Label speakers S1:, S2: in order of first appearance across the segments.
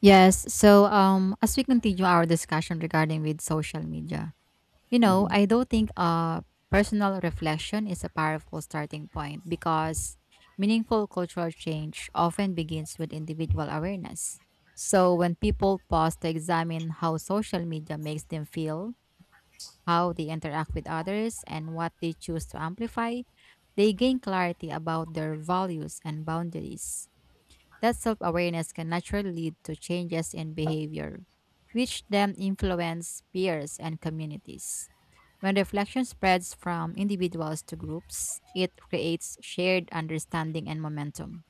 S1: Yes. So, as we continue our discussion regarding with social media,
S2: Mhm.
S1: I don't think personal reflection is a powerful starting point because meaningful cultural change often begins with individual awareness. So, when people pause to examine how social media makes them feel, how they interact with others, and what they choose to amplify, they gain clarity about their values and boundaries. That self awareness can naturally lead to changes in behavior, which then influence peers and communities. When reflection spreads from individuals to groups, it creates shared understanding and momentum,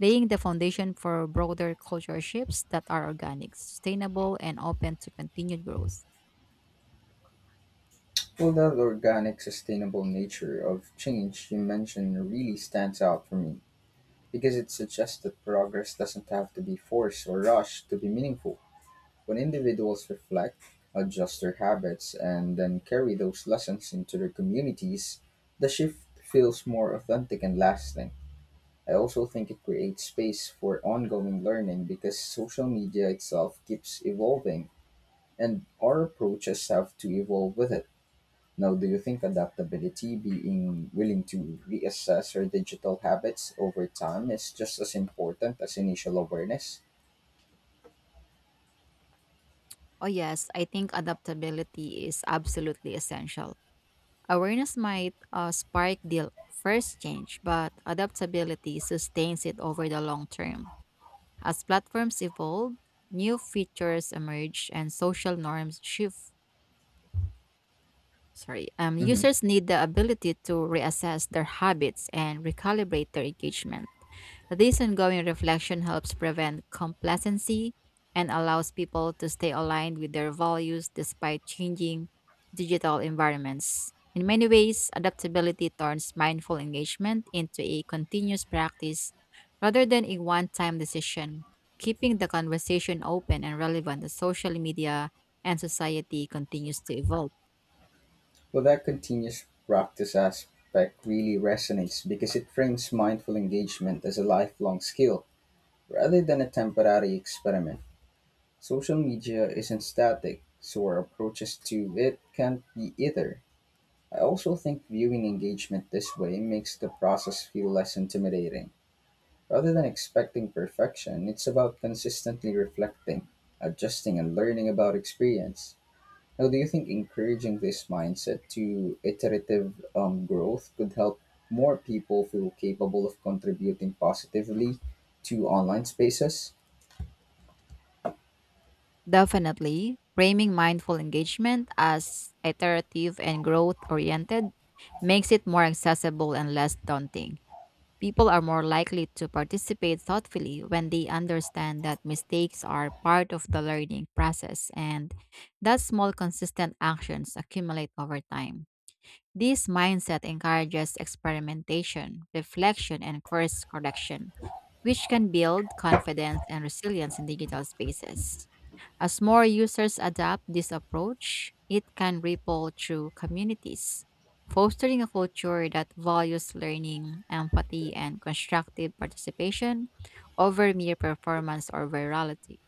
S1: laying the foundation for broader cultural shifts that are organic, sustainable, and open to continued growth.
S2: Well, that organic, sustainable nature of change you mentioned really stands out for me because it suggests that progress doesn't have to be forced or rushed to be meaningful. When individuals reflect, adjust their habits, and then carry those lessons into their communities, the shift feels more authentic and lasting. I also think it creates space for ongoing learning because social media itself keeps evolving, and our approaches have to evolve with it. Now, do you think adaptability, being willing to reassess your digital habits over time, is just as important as initial awareness?
S1: Oh, yes, I think adaptability is absolutely essential. Awareness might spark the first change, but adaptability sustains it over the long term. As platforms evolve, new features emerge and social norms shift. Sorry,
S2: Hmm.
S1: users need the ability to reassess their habits and recalibrate their engagement. This ongoing reflection helps prevent complacency and allows people to stay aligned with their values despite changing digital environments. In many ways, adaptability turns mindful engagement into a continuous practice rather than a one time decision, keeping the conversation open and relevant as social media and society continues to evolve.
S2: Well, that continuous practice aspect really resonates because it frames mindful engagement as a lifelong skill rather than a temporary experiment. Social media isn't static, so our approaches to it can't be either. I also think viewing engagement this way makes the process feel less intimidating. Rather than expecting perfection, it's about consistently reflecting, adjusting, and learning about experience. Now, do you think encouraging this mindset to iterative growth could help more people feel capable of contributing positively to online spaces?
S1: Definitely, framing mindful engagement as iterative and growth oriented makes it more accessible and less daunting. People are more likely to participate thoughtfully when they understand that mistakes are part of the learning process and that small, consistent actions accumulate over time. This mindset encourages experimentation, reflection, and course correction, which can build confidence and resilience in digital spaces. As more users adopt this approach, it can ripple through communities, fostering a culture that values learning, empathy, and constructive participation over mere performance or virality.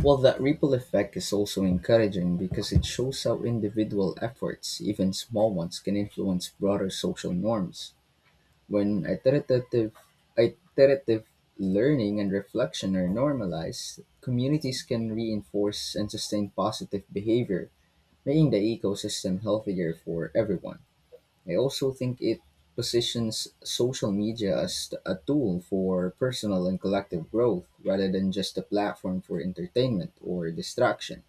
S2: Well, that ripple effect is also encouraging because it shows how individual efforts, even small ones, can influence broader social norms. When iterative learning and reflection are normalized, communities can reinforce and sustain positive behavior, making the ecosystem healthier for everyone. I also think it positions social media as a tool for personal and collective growth rather than just a platform for entertainment or distraction.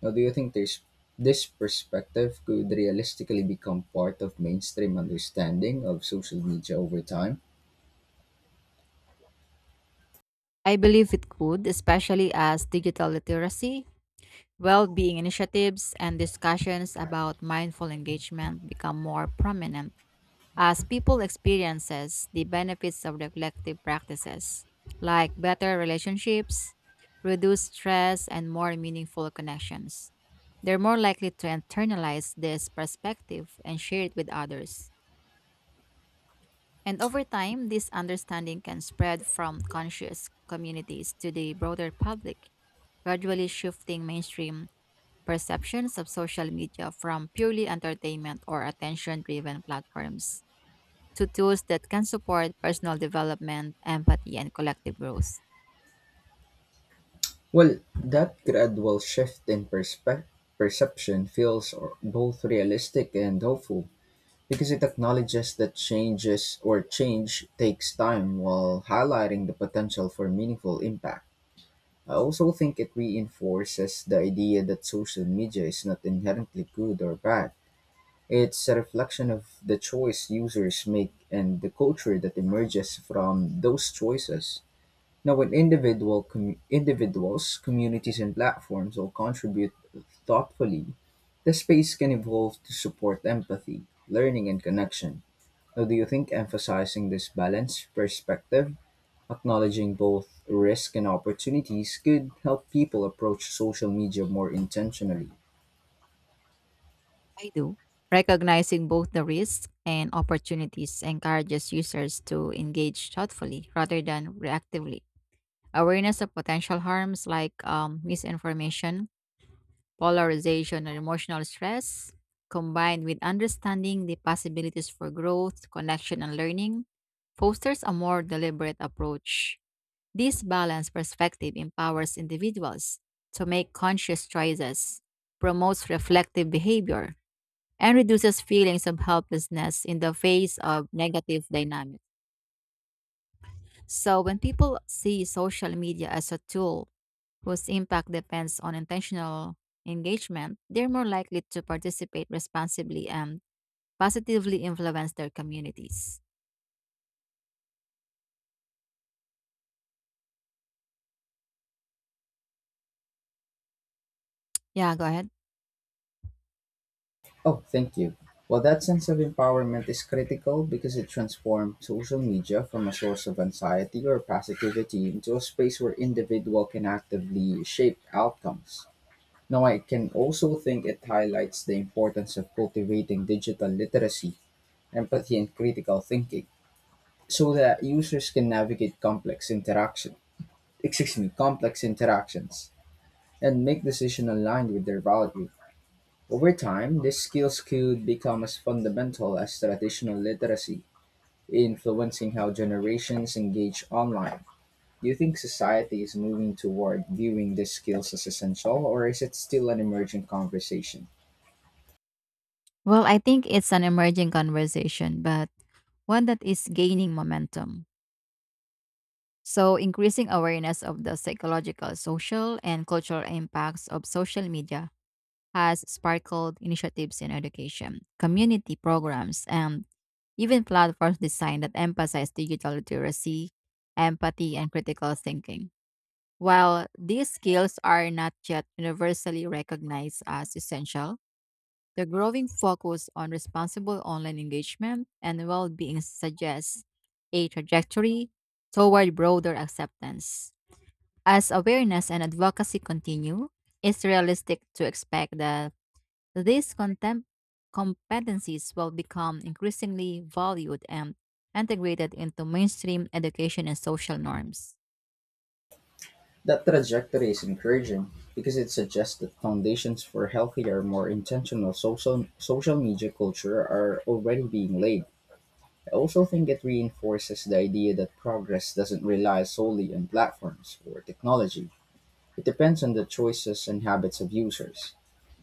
S2: Now, do you think there's this perspective could realistically become part of mainstream understanding of social media over time?
S1: I believe it could, especially as digital literacy, well being initiatives, and discussions about mindful engagement become more prominent. As people experiences the benefits of their collective practices, like better relationships, reduced stress, and more meaningful connections, they're more likely to internalize this perspective and share it with others. And over time, this understanding can spread from conscious communities to the broader public, gradually shifting mainstream perceptions of social media from purely entertainment or attention driven platforms to tools that can support personal development, empathy, and collective growth.
S2: Well, that gradual shift in perception both realistic and hopeful because it acknowledges that change takes time while highlighting the potential for meaningful impact. I also think it reinforces the idea that social media is not inherently good or bad. It's a reflection of the choice users make and the culture that emerges from those choices. Now, when individuals, communities, and platforms all contribute thoughtfully, the space can evolve to support empathy, learning, and connection. Now, do you think emphasizing this balanced perspective, acknowledging both risk and opportunities, could help people approach social media more intentionally?
S1: I do. Recognizing both the risks and opportunities encourages users to engage thoughtfully rather than reactively. Awareness of potential harms like misinformation, polarization, or emotional stress, combined with understanding the possibilities for growth, connection, and learning, fosters a more deliberate approach. This balanced perspective empowers individuals to make conscious choices, promotes reflective behavior, and reduces feelings of helplessness in the face of negative dynamics. So, when people see social media as a tool whose impact depends on intentional engagement, they're more likely to participate responsibly and positively influence their communities. Yeah, go ahead.
S2: Oh, thank you. Well, that sense of empowerment is critical because it transforms social media from a source of anxiety or positivity into a space where individual can actively shape outcomes. Now, I can also think it highlights the importance of cultivating digital literacy, empathy, and critical thinking so that users can navigate complex interaction, excuse me, complex interactions and make decisions aligned with their value. Over time, these skills could become as fundamental as traditional literacy, influencing how generations engage online. Do you think society is moving toward viewing these skills as essential, or is it still an emerging conversation?
S1: Well, I think it's an emerging conversation, but one that is gaining momentum. So, increasing awareness of the psychological, social, and cultural impacts of social media has sparkled initiatives in education, community programs, and even platforms designed that emphasize digital literacy, empathy, and critical thinking. While these skills are not yet universally recognized as essential, the growing focus on responsible online engagement and well being suggests a trajectory toward broader acceptance. As awareness and advocacy continue, it's realistic to expect that these contem- competencies will become increasingly valued and integrated into mainstream education and social norms.
S2: That trajectory is encouraging because it suggests that foundations for healthier, more intentional social media culture are already being laid. I also think it reinforces the idea that progress doesn't rely solely on platforms or technology. It depends on the choices and habits of users,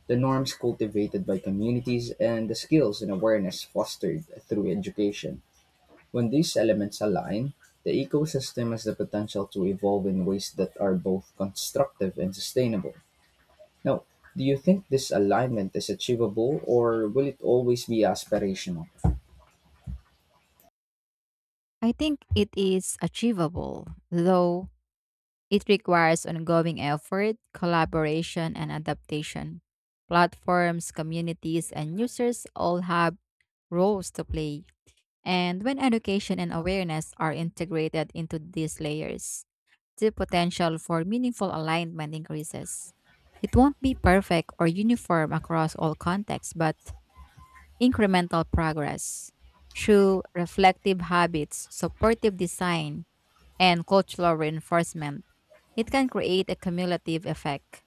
S2: the norms cultivated by communities, and the skills and awareness fostered through education. When these elements align, the ecosystem has the potential to evolve in ways that are both constructive and sustainable. Now, do you think this alignment is achievable or will it always be aspirational?
S1: I think it is achievable, though it requires ongoing effort, collaboration, and adaptation. Platforms, communities, and users all have roles to play. And when education and awareness are integrated into these layers, the potential for meaningful alignment increases. It won't be perfect or uniform across all contexts, but incremental progress through reflective habits, supportive design, and cultural reinforcement. It can create a cumulative effect.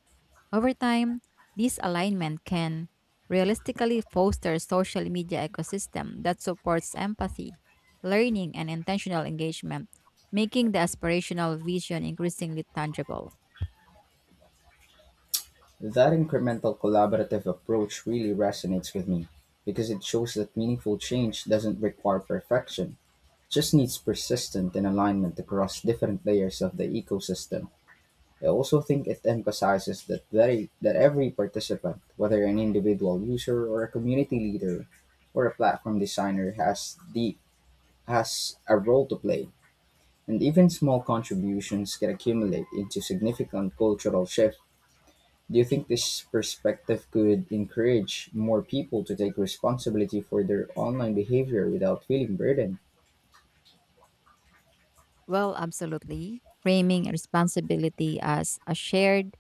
S1: Over time, this alignment can realistically foster social media ecosystem that supports empathy, learning, and intentional engagement, making the aspirational vision increasingly tangible.
S2: That incremental collaborative approach really resonates with me because it shows that meaningful change doesn't require perfection, just needs persistent and alignment across different layers of the ecosystem. I also think it emphasizes that every participant, whether an individual user or a community leader or a platform designer, has a role to play, and even small contributions can accumulate into significant cultural shift. Do you think this perspective could encourage more people to take responsibility for their online behavior without feeling burdened?
S1: Well, absolutely. Framing responsibility as a shared,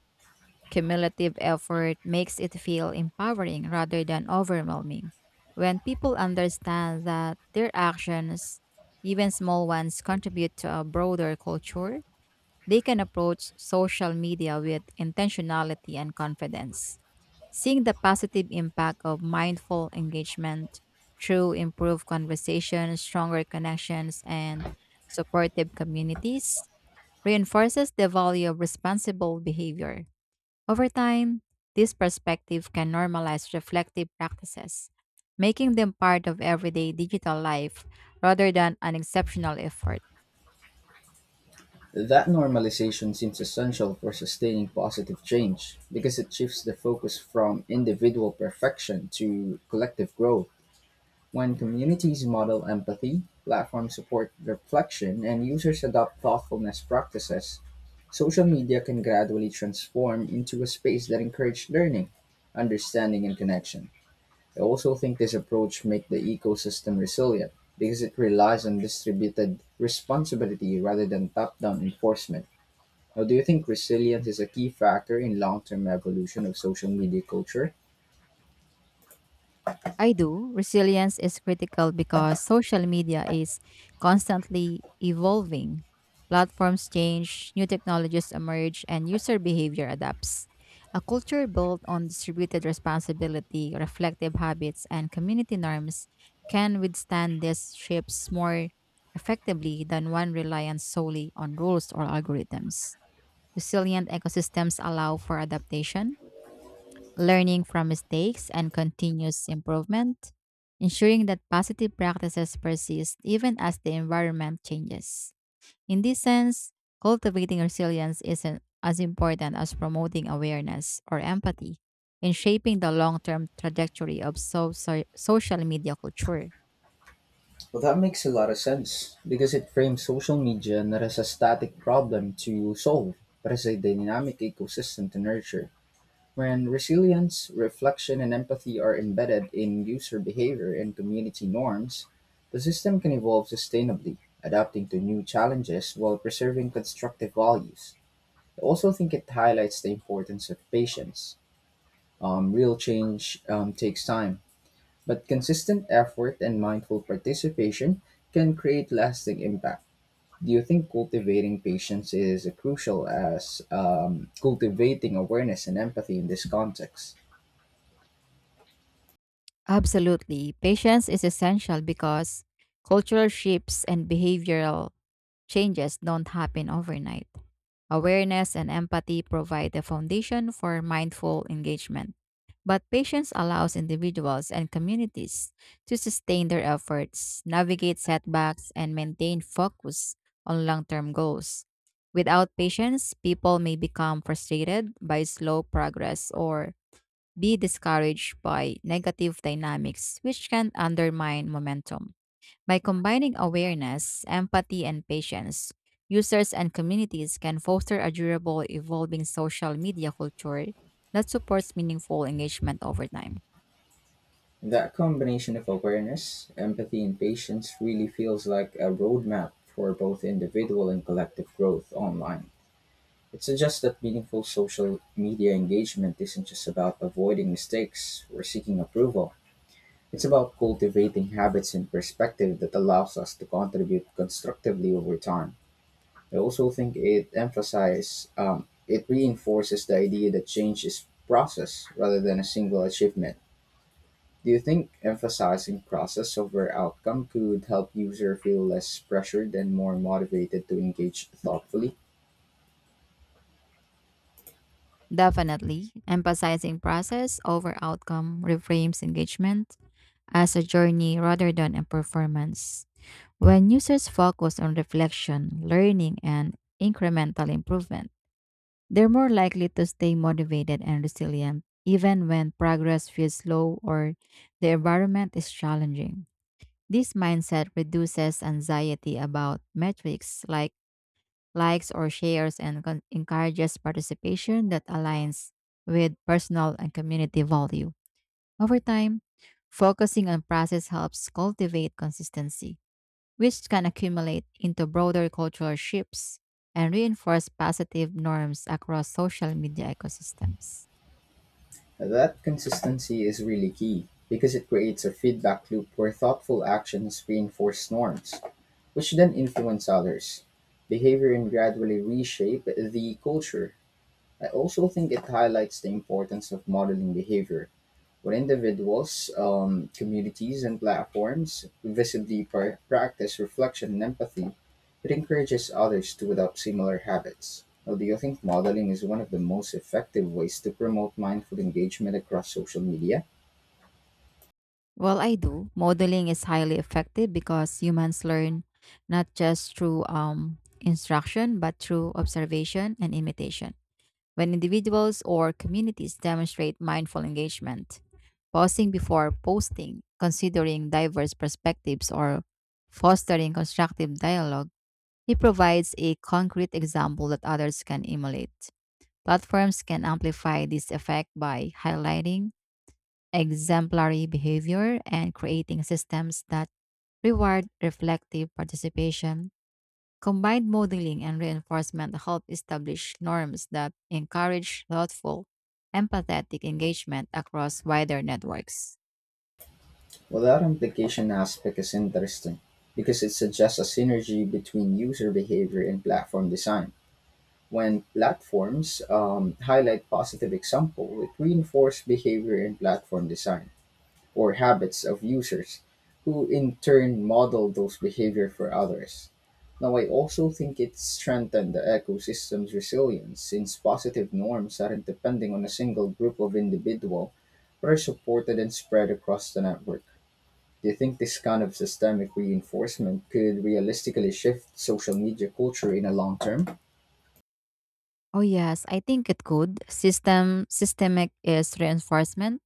S1: cumulative effort makes it feel empowering rather than overwhelming. When people understand that their actions, even small ones, contribute to a broader culture, they can approach social media with intentionality and confidence, seeing the positive impact of mindful engagement through improved conversations, stronger connections, and supportive communities reinforces the value of responsible behavior. Over time, this perspective can normalize reflective practices, making them part of everyday digital life rather than an exceptional effort.
S2: That normalization seems essential for sustaining positive change, because it shifts the focus from individual perfection to collective growth. When communities model empathy, platforms support reflection, and users adopt thoughtfulness practices, social media can gradually transform into a space that encourages learning, understanding, and connection. I also think this approach makes the ecosystem resilient because it relies on distributed responsibility rather than top down enforcement. Now, do you think resilience is a key factor in long-term evolution of social media culture?
S1: I do. Resilience is critical because social media is constantly evolving. Platforms change, new technologies emerge, and user behavior adapts. A culture built on distributed responsibility, reflective habits, and community norms can withstand these shifts more effectively than one reliant solely on rules or algorithms. Resilient ecosystems allow for adaptation learning from mistakes and continuous improvement, ensuring that positive practices persist even as the environment changes. In this sense, cultivating resilience isn't as important as promoting awareness or empathy in shaping the long term trajectory of social media culture.
S2: Well, that makes a lot of sense, because it frames social media not as a static problem to solve, but as a dynamic ecosystem to nurture. When resilience, reflection, and empathy are embedded in user behavior and community norms, the system can evolve sustainably, adapting to new challenges while preserving constructive values. I also think it highlights the importance of patience. Real change takes time, but consistent effort and mindful participation can create lasting impact. Do you think cultivating patience is crucial as cultivating awareness and empathy in this context?
S1: Absolutely. Patience is essential because cultural shifts and behavioral changes don't happen overnight. Awareness and empathy provide the foundation for mindful engagement, but patience allows individuals and communities to sustain their efforts, navigate setbacks, and maintain focus on long term goals. Without patience, people may become frustrated by slow progress or be discouraged by negative dynamics, which can undermine momentum. By combining awareness, empathy, and patience, users and communities can foster a durable, evolving social media culture that supports meaningful engagement over time.
S2: That combination of awareness, empathy, and patience really feels like a roadmap for both individual and collective growth online. It suggests that meaningful social media engagement isn't just about avoiding mistakes or seeking approval. It's about cultivating habits and perspective that allows us to contribute constructively over time. I also think it reinforces the idea that change is process rather than a single achievement. Do you think emphasizing process over outcome could help user feel less pressured and more motivated to engage thoughtfully?
S1: Definitely, emphasizing process over outcome reframes engagement as a journey rather than a performance. When users focus on reflection, learning, and incremental improvement, they're more likely to stay motivated and resilient, even when progress feels slow or the environment is challenging. This mindset reduces anxiety about metrics like likes or shares and encourages participation that aligns with personal and community value. Over time, focusing on process helps cultivate consistency which can accumulate into broader cultural shifts and reinforce positive norms across social media ecosystems.
S2: That consistency is really key because it creates a feedback loop where thoughtful actions reinforce norms, which then not influence others' behavior and gradually reshape the culture. I also think it highlights the importance of modeling behavior when individuals, communities, and platforms visibly practice reflection and empathy. It encourages others to adopt similar habits. Now, do you think modeling is one of the most effective ways to promote mindful engagement across social media?
S1: Well, I do. Modeling is highly effective because humans learn not just through instruction, but through observation and imitation. When individuals or communities demonstrate mindful engagement, pausing before posting, considering diverse perspectives, or fostering constructive dialogue, he provides a concrete example that others can emulate. Platforms can amplify this effect by highlighting exemplary behavior and creating systems that reward reflective participation. Combined modeling and reinforcement help establish norms that encourage thoughtful, empathetic engagement across wider networks.
S2: Well, that implication aspect is interesting because it suggests a synergy between user behavior and platform design. When platforms highlight positive example, it reinforces behavior in platform design or habits of users, who in turn model those behavior for others. Now, I also think it strengthened the ecosystem's resilience since positive norms aren't depending on a single group of individual, but are supported and spread across the network. Do you think this kind of systemic reinforcement could realistically shift social media culture in a long term?
S1: Oh yes, I think it could. Systemic is reinforcement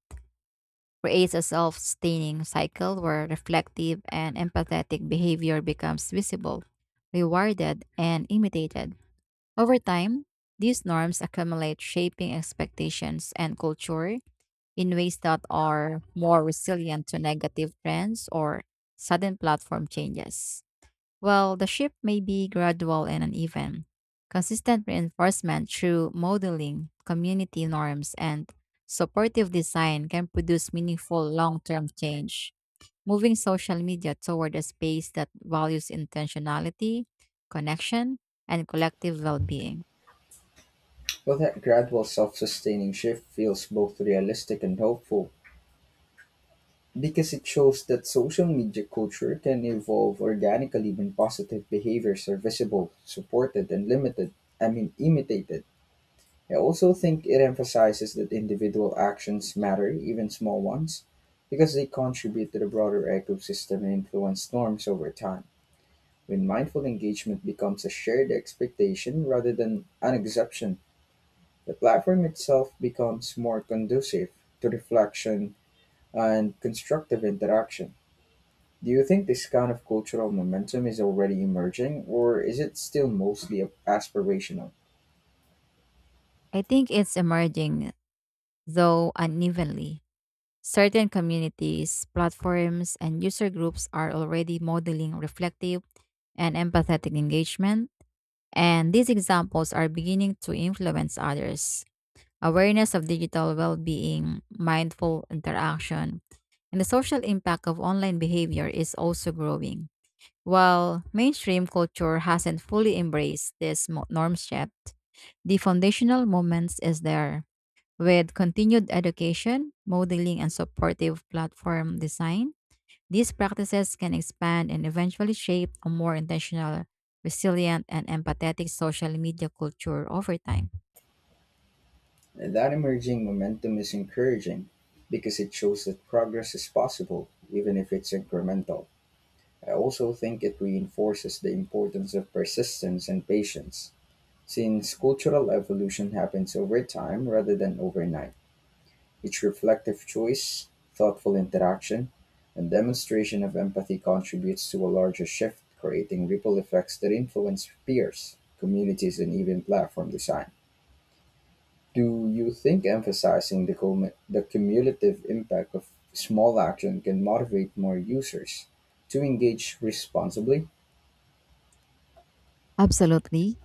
S1: creates a self-sustaining cycle where reflective and empathetic behavior becomes visible, rewarded, and imitated. Over time, these norms accumulate shaping expectations and culture in ways that are more resilient to negative trends or sudden platform changes. Well, the shift may be gradual and uneven. Consistent reinforcement through modeling, community norms, and supportive design can produce meaningful long term change, moving social media toward a space that values intentionality, connection, and collective well being.
S2: Well, that gradual self sustaining shift feels both realistic and hopeful because it shows that social media culture can evolve organically when positive behaviors are visible, supported, and imitated. I also think it emphasizes that individual actions matter, even small ones, because they contribute to the broader ecosystem and influence norms over time. When mindful engagement becomes a shared expectation rather than an exception, the platform itself becomes more conducive to reflection and constructive interaction. Do you think this kind of cultural momentum is already emerging, or is it still mostly aspirational?
S1: I think it's emerging, though unevenly. Certain communities, platforms, and user groups are already modeling reflective and empathetic engagement. And these examples are beginning to influence others. Awareness of digital well being, mindful interaction, and the social impact of online behavior is also growing. While mainstream culture hasn't fully embraced this norm shift, the foundational moments is there with continued education, modeling, and supportive platform design. These practices can expand and eventually shape a more intentional, resilient, and empathetic social media culture over time.
S2: That emerging momentum is encouraging because it shows that progress is possible, even if it's incremental. I also think it reinforces the importance of persistence and patience. Since cultural evolution happens over time rather than overnight, each reflective choice, thoughtful interaction, and demonstration of empathy contributes to a larger shift, creating ripple effects that influence peers, communities, and even platform design. Do you think emphasizing the cumulative impact of small action can motivate more users to engage responsibly?
S1: Absolutely.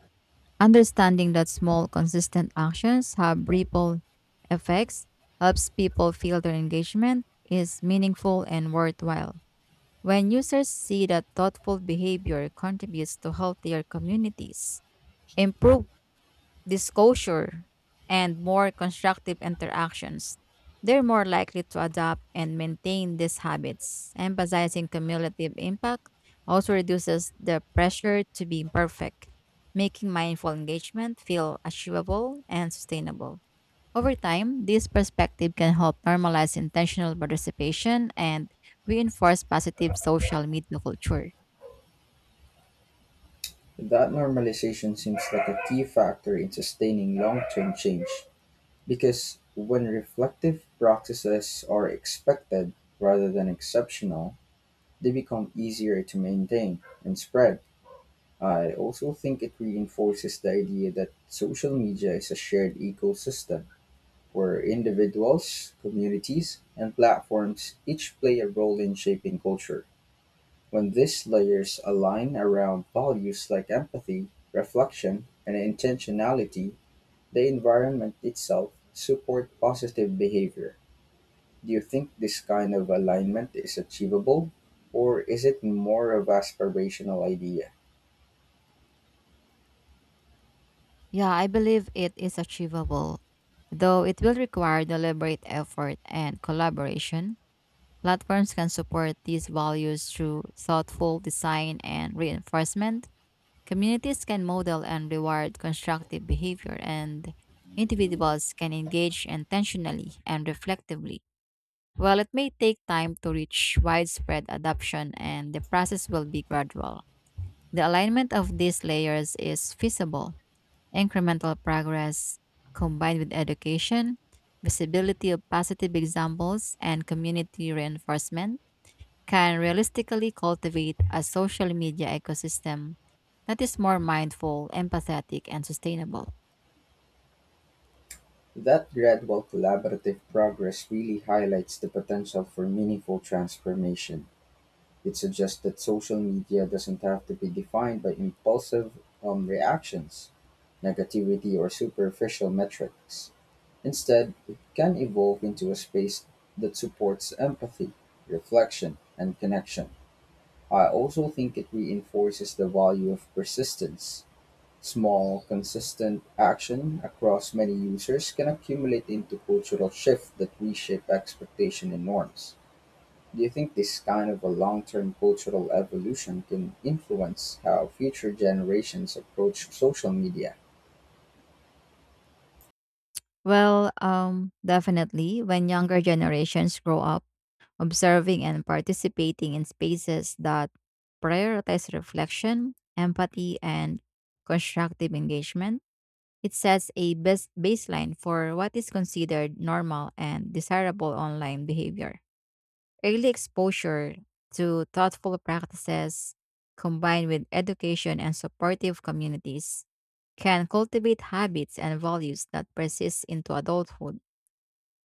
S1: Understanding that small, consistent actions have ripple effects helps people feel their engagement is meaningful and worthwhile. When users see that thoughtful behavior contributes to healthier communities, improved disclosure, and more constructive interactions, they're more likely to adopt and maintain these habits. Emphasizing cumulative impact also reduces the pressure to be perfect, making mindful engagement feel achievable and sustainable. Over time, this perspective can help normalize intentional participation and reinforce positive social media culture.
S2: That normalization seems like a key factor in sustaining long term change, because when reflective practices are expected rather than exceptional, they become easier to maintain and spread. I also think it reinforces the idea that social media is a shared ecosystem where individuals, communities, and platforms each play a role in shaping culture. When these layers align around values like empathy, reflection, and intentionality, the environment itself supports positive behavior. Do you think this kind of alignment is achievable, or is it more of aspirational idea?
S1: Yeah, I believe it is achievable, though it will require deliberate effort and collaboration. Platforms can support these values through thoughtful design and reinforcement. Communities can model and reward constructive behavior, and individuals can engage intentionally and reflectively. While it may take time to reach widespread adoption, and the process will be gradual, the alignment of these layers is feasible. Incremental progress combined with education, visibility of positive examples, and community reinforcement can realistically cultivate a social media ecosystem that is more mindful, empathetic, and sustainable.
S2: That gradual collaborative progress really highlights the potential for meaningful transformation. It suggests that social media doesn't have to be defined by impulsive reactions, negativity, or superficial metrics. Instead, it can evolve into a space that supports empathy, reflection, and connection. I also think it reinforces the value of persistence. Small, consistent action across many users can accumulate into cultural shifts that reshape expectation and norms. Do you think this kind of a long-term cultural evolution can influence how future generations approach social media?
S1: Definitely, when younger generations grow up observing and participating in spaces that prioritize reflection, empathy, and constructive engagement, it sets a baseline for what is considered normal and desirable online behavior. Early exposure to thoughtful practices combined with education and supportive communities can cultivate habits and values that persist into adulthood.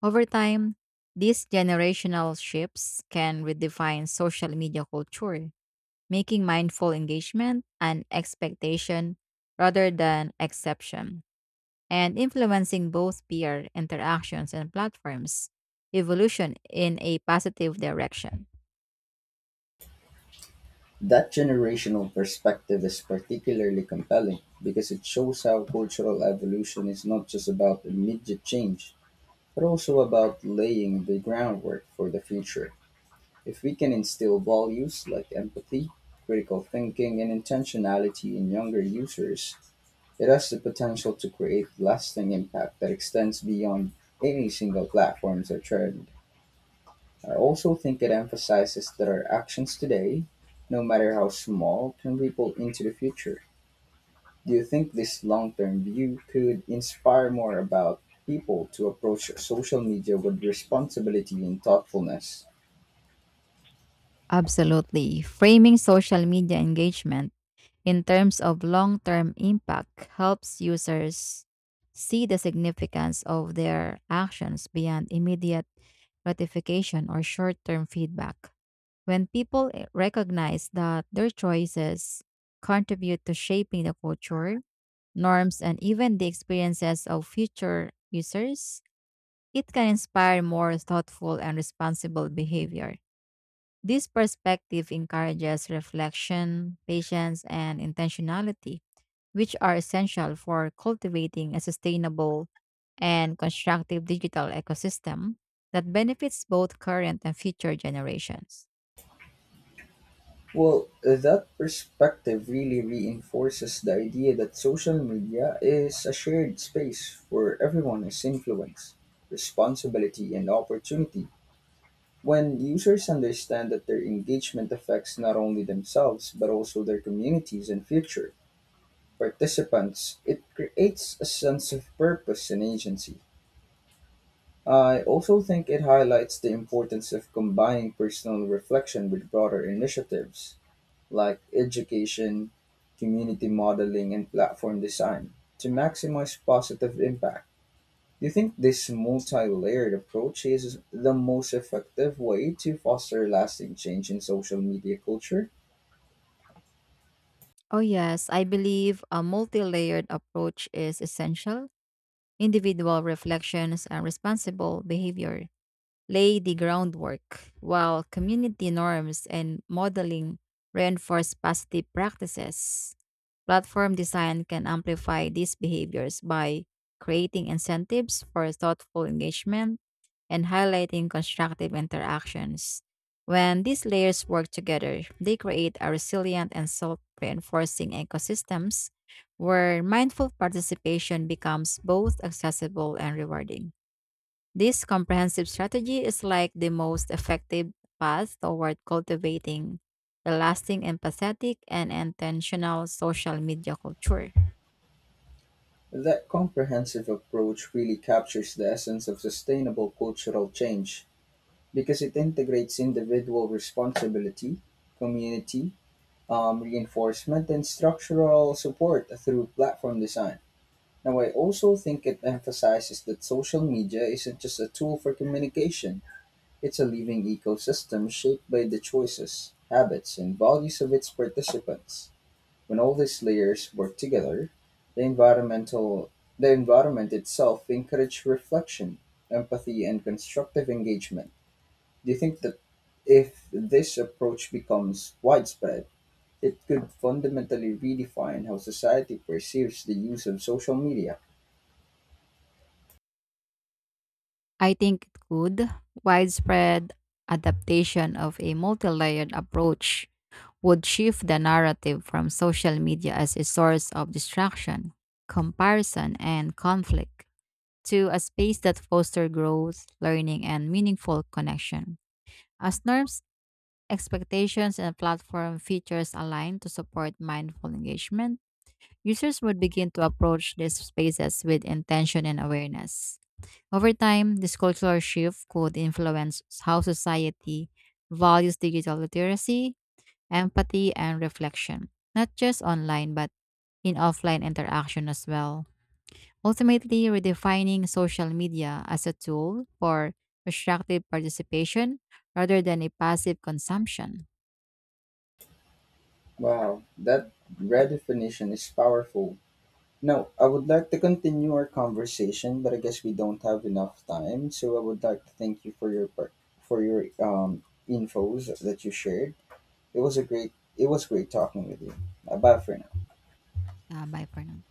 S1: Over time, these generational shifts can redefine social media culture, making mindful engagement an expectation rather than exception and influencing both peer interactions and platforms evolution in a positive direction.
S2: That generational perspective is particularly compelling because it shows how cultural evolution is not just about immediate change but also about laying the groundwork for the future. If we can instill values like empathy, critical thinking, and intentionality in younger users, it has the potential to create lasting impact that extends beyond any single platforms or trend. I also think it emphasizes that our actions today, no matter how small, can ripple into the future. Do you think this long-term view could inspire more about people to approach social media with responsibility and thoughtfulness?
S1: Absolutely. Framing social media engagement in terms of long term impact helps users see the significance of their actions beyond immediate gratification or short term feedback. When people recognize that their choices contribute to shaping the culture, norms, and even the experiences of future users, it can inspire more thoughtful and responsible behavior. This perspective encourages reflection, patience, and intentionality, which are essential for cultivating a sustainable and constructive digital ecosystem that benefits both current and future generations.
S2: Well, that perspective really reinforces the idea that social media is a shared space where everyone is influenced, responsibility, and opportunity. When users understand that their engagement affects not only themselves but also their communities and future participants, it creates a sense of purpose and agency. I also think it highlights the importance of combining personal reflection with broader initiatives like education, community modeling, and platform design to maximize positive impact. Do you think this multi layered approach is the most effective way to foster lasting change in social media culture?
S1: Oh, yes, I believe a multi layered approach is essential. Individual reflections and responsible behavior lay the groundwork, while community norms and modeling reinforce positive practices. Platform design can amplify these behaviors by creating incentives for thoughtful engagement and highlighting constructive interactions. When these layers work together, they create a resilient and self reinforcing ecosystems where mindful participation becomes both accessible and rewarding. This comprehensive strategy is like the most effective path toward cultivating a lasting empathetic and intentional social media culture.
S2: That comprehensive approach really captures the essence of sustainable cultural change because it integrates individual responsibility, community, reinforcement and structural support through platform design. Now, I also think it emphasizes that social media isn't just a tool for communication, it's a living ecosystem shaped by the choices, habits, and values of its participants. When all these layers work together, the environmental the environment itself encourages reflection, empathy, and constructive engagement. Do you think that if this approach becomes widespread, it could fundamentally redefine how society perceives the use of social media?
S1: I think it could widespread adaptation of a multi-layered approach would shift the narrative from social media as a source of distraction, comparison, and conflict to a space that fosters growth, learning, and meaningful connection. As norms expectations and platform features aligned to support mindful engagement, users would begin to approach these spaces with intention and awareness. Over time, this cultural shift could influence how society values digital literacy, empathy, and reflection, not just online but in offline interaction as well. Ultimately, redefining social media as a tool for constructive participation rather than a passive consumption.
S2: Wow, that redefinition is powerful. Now, I would like to continue our conversation, but I guess we don't have enough time. So I would like to thank you for for your infos that you shared. It was great talking with you. Bye for now.
S1: Ah, bye for now.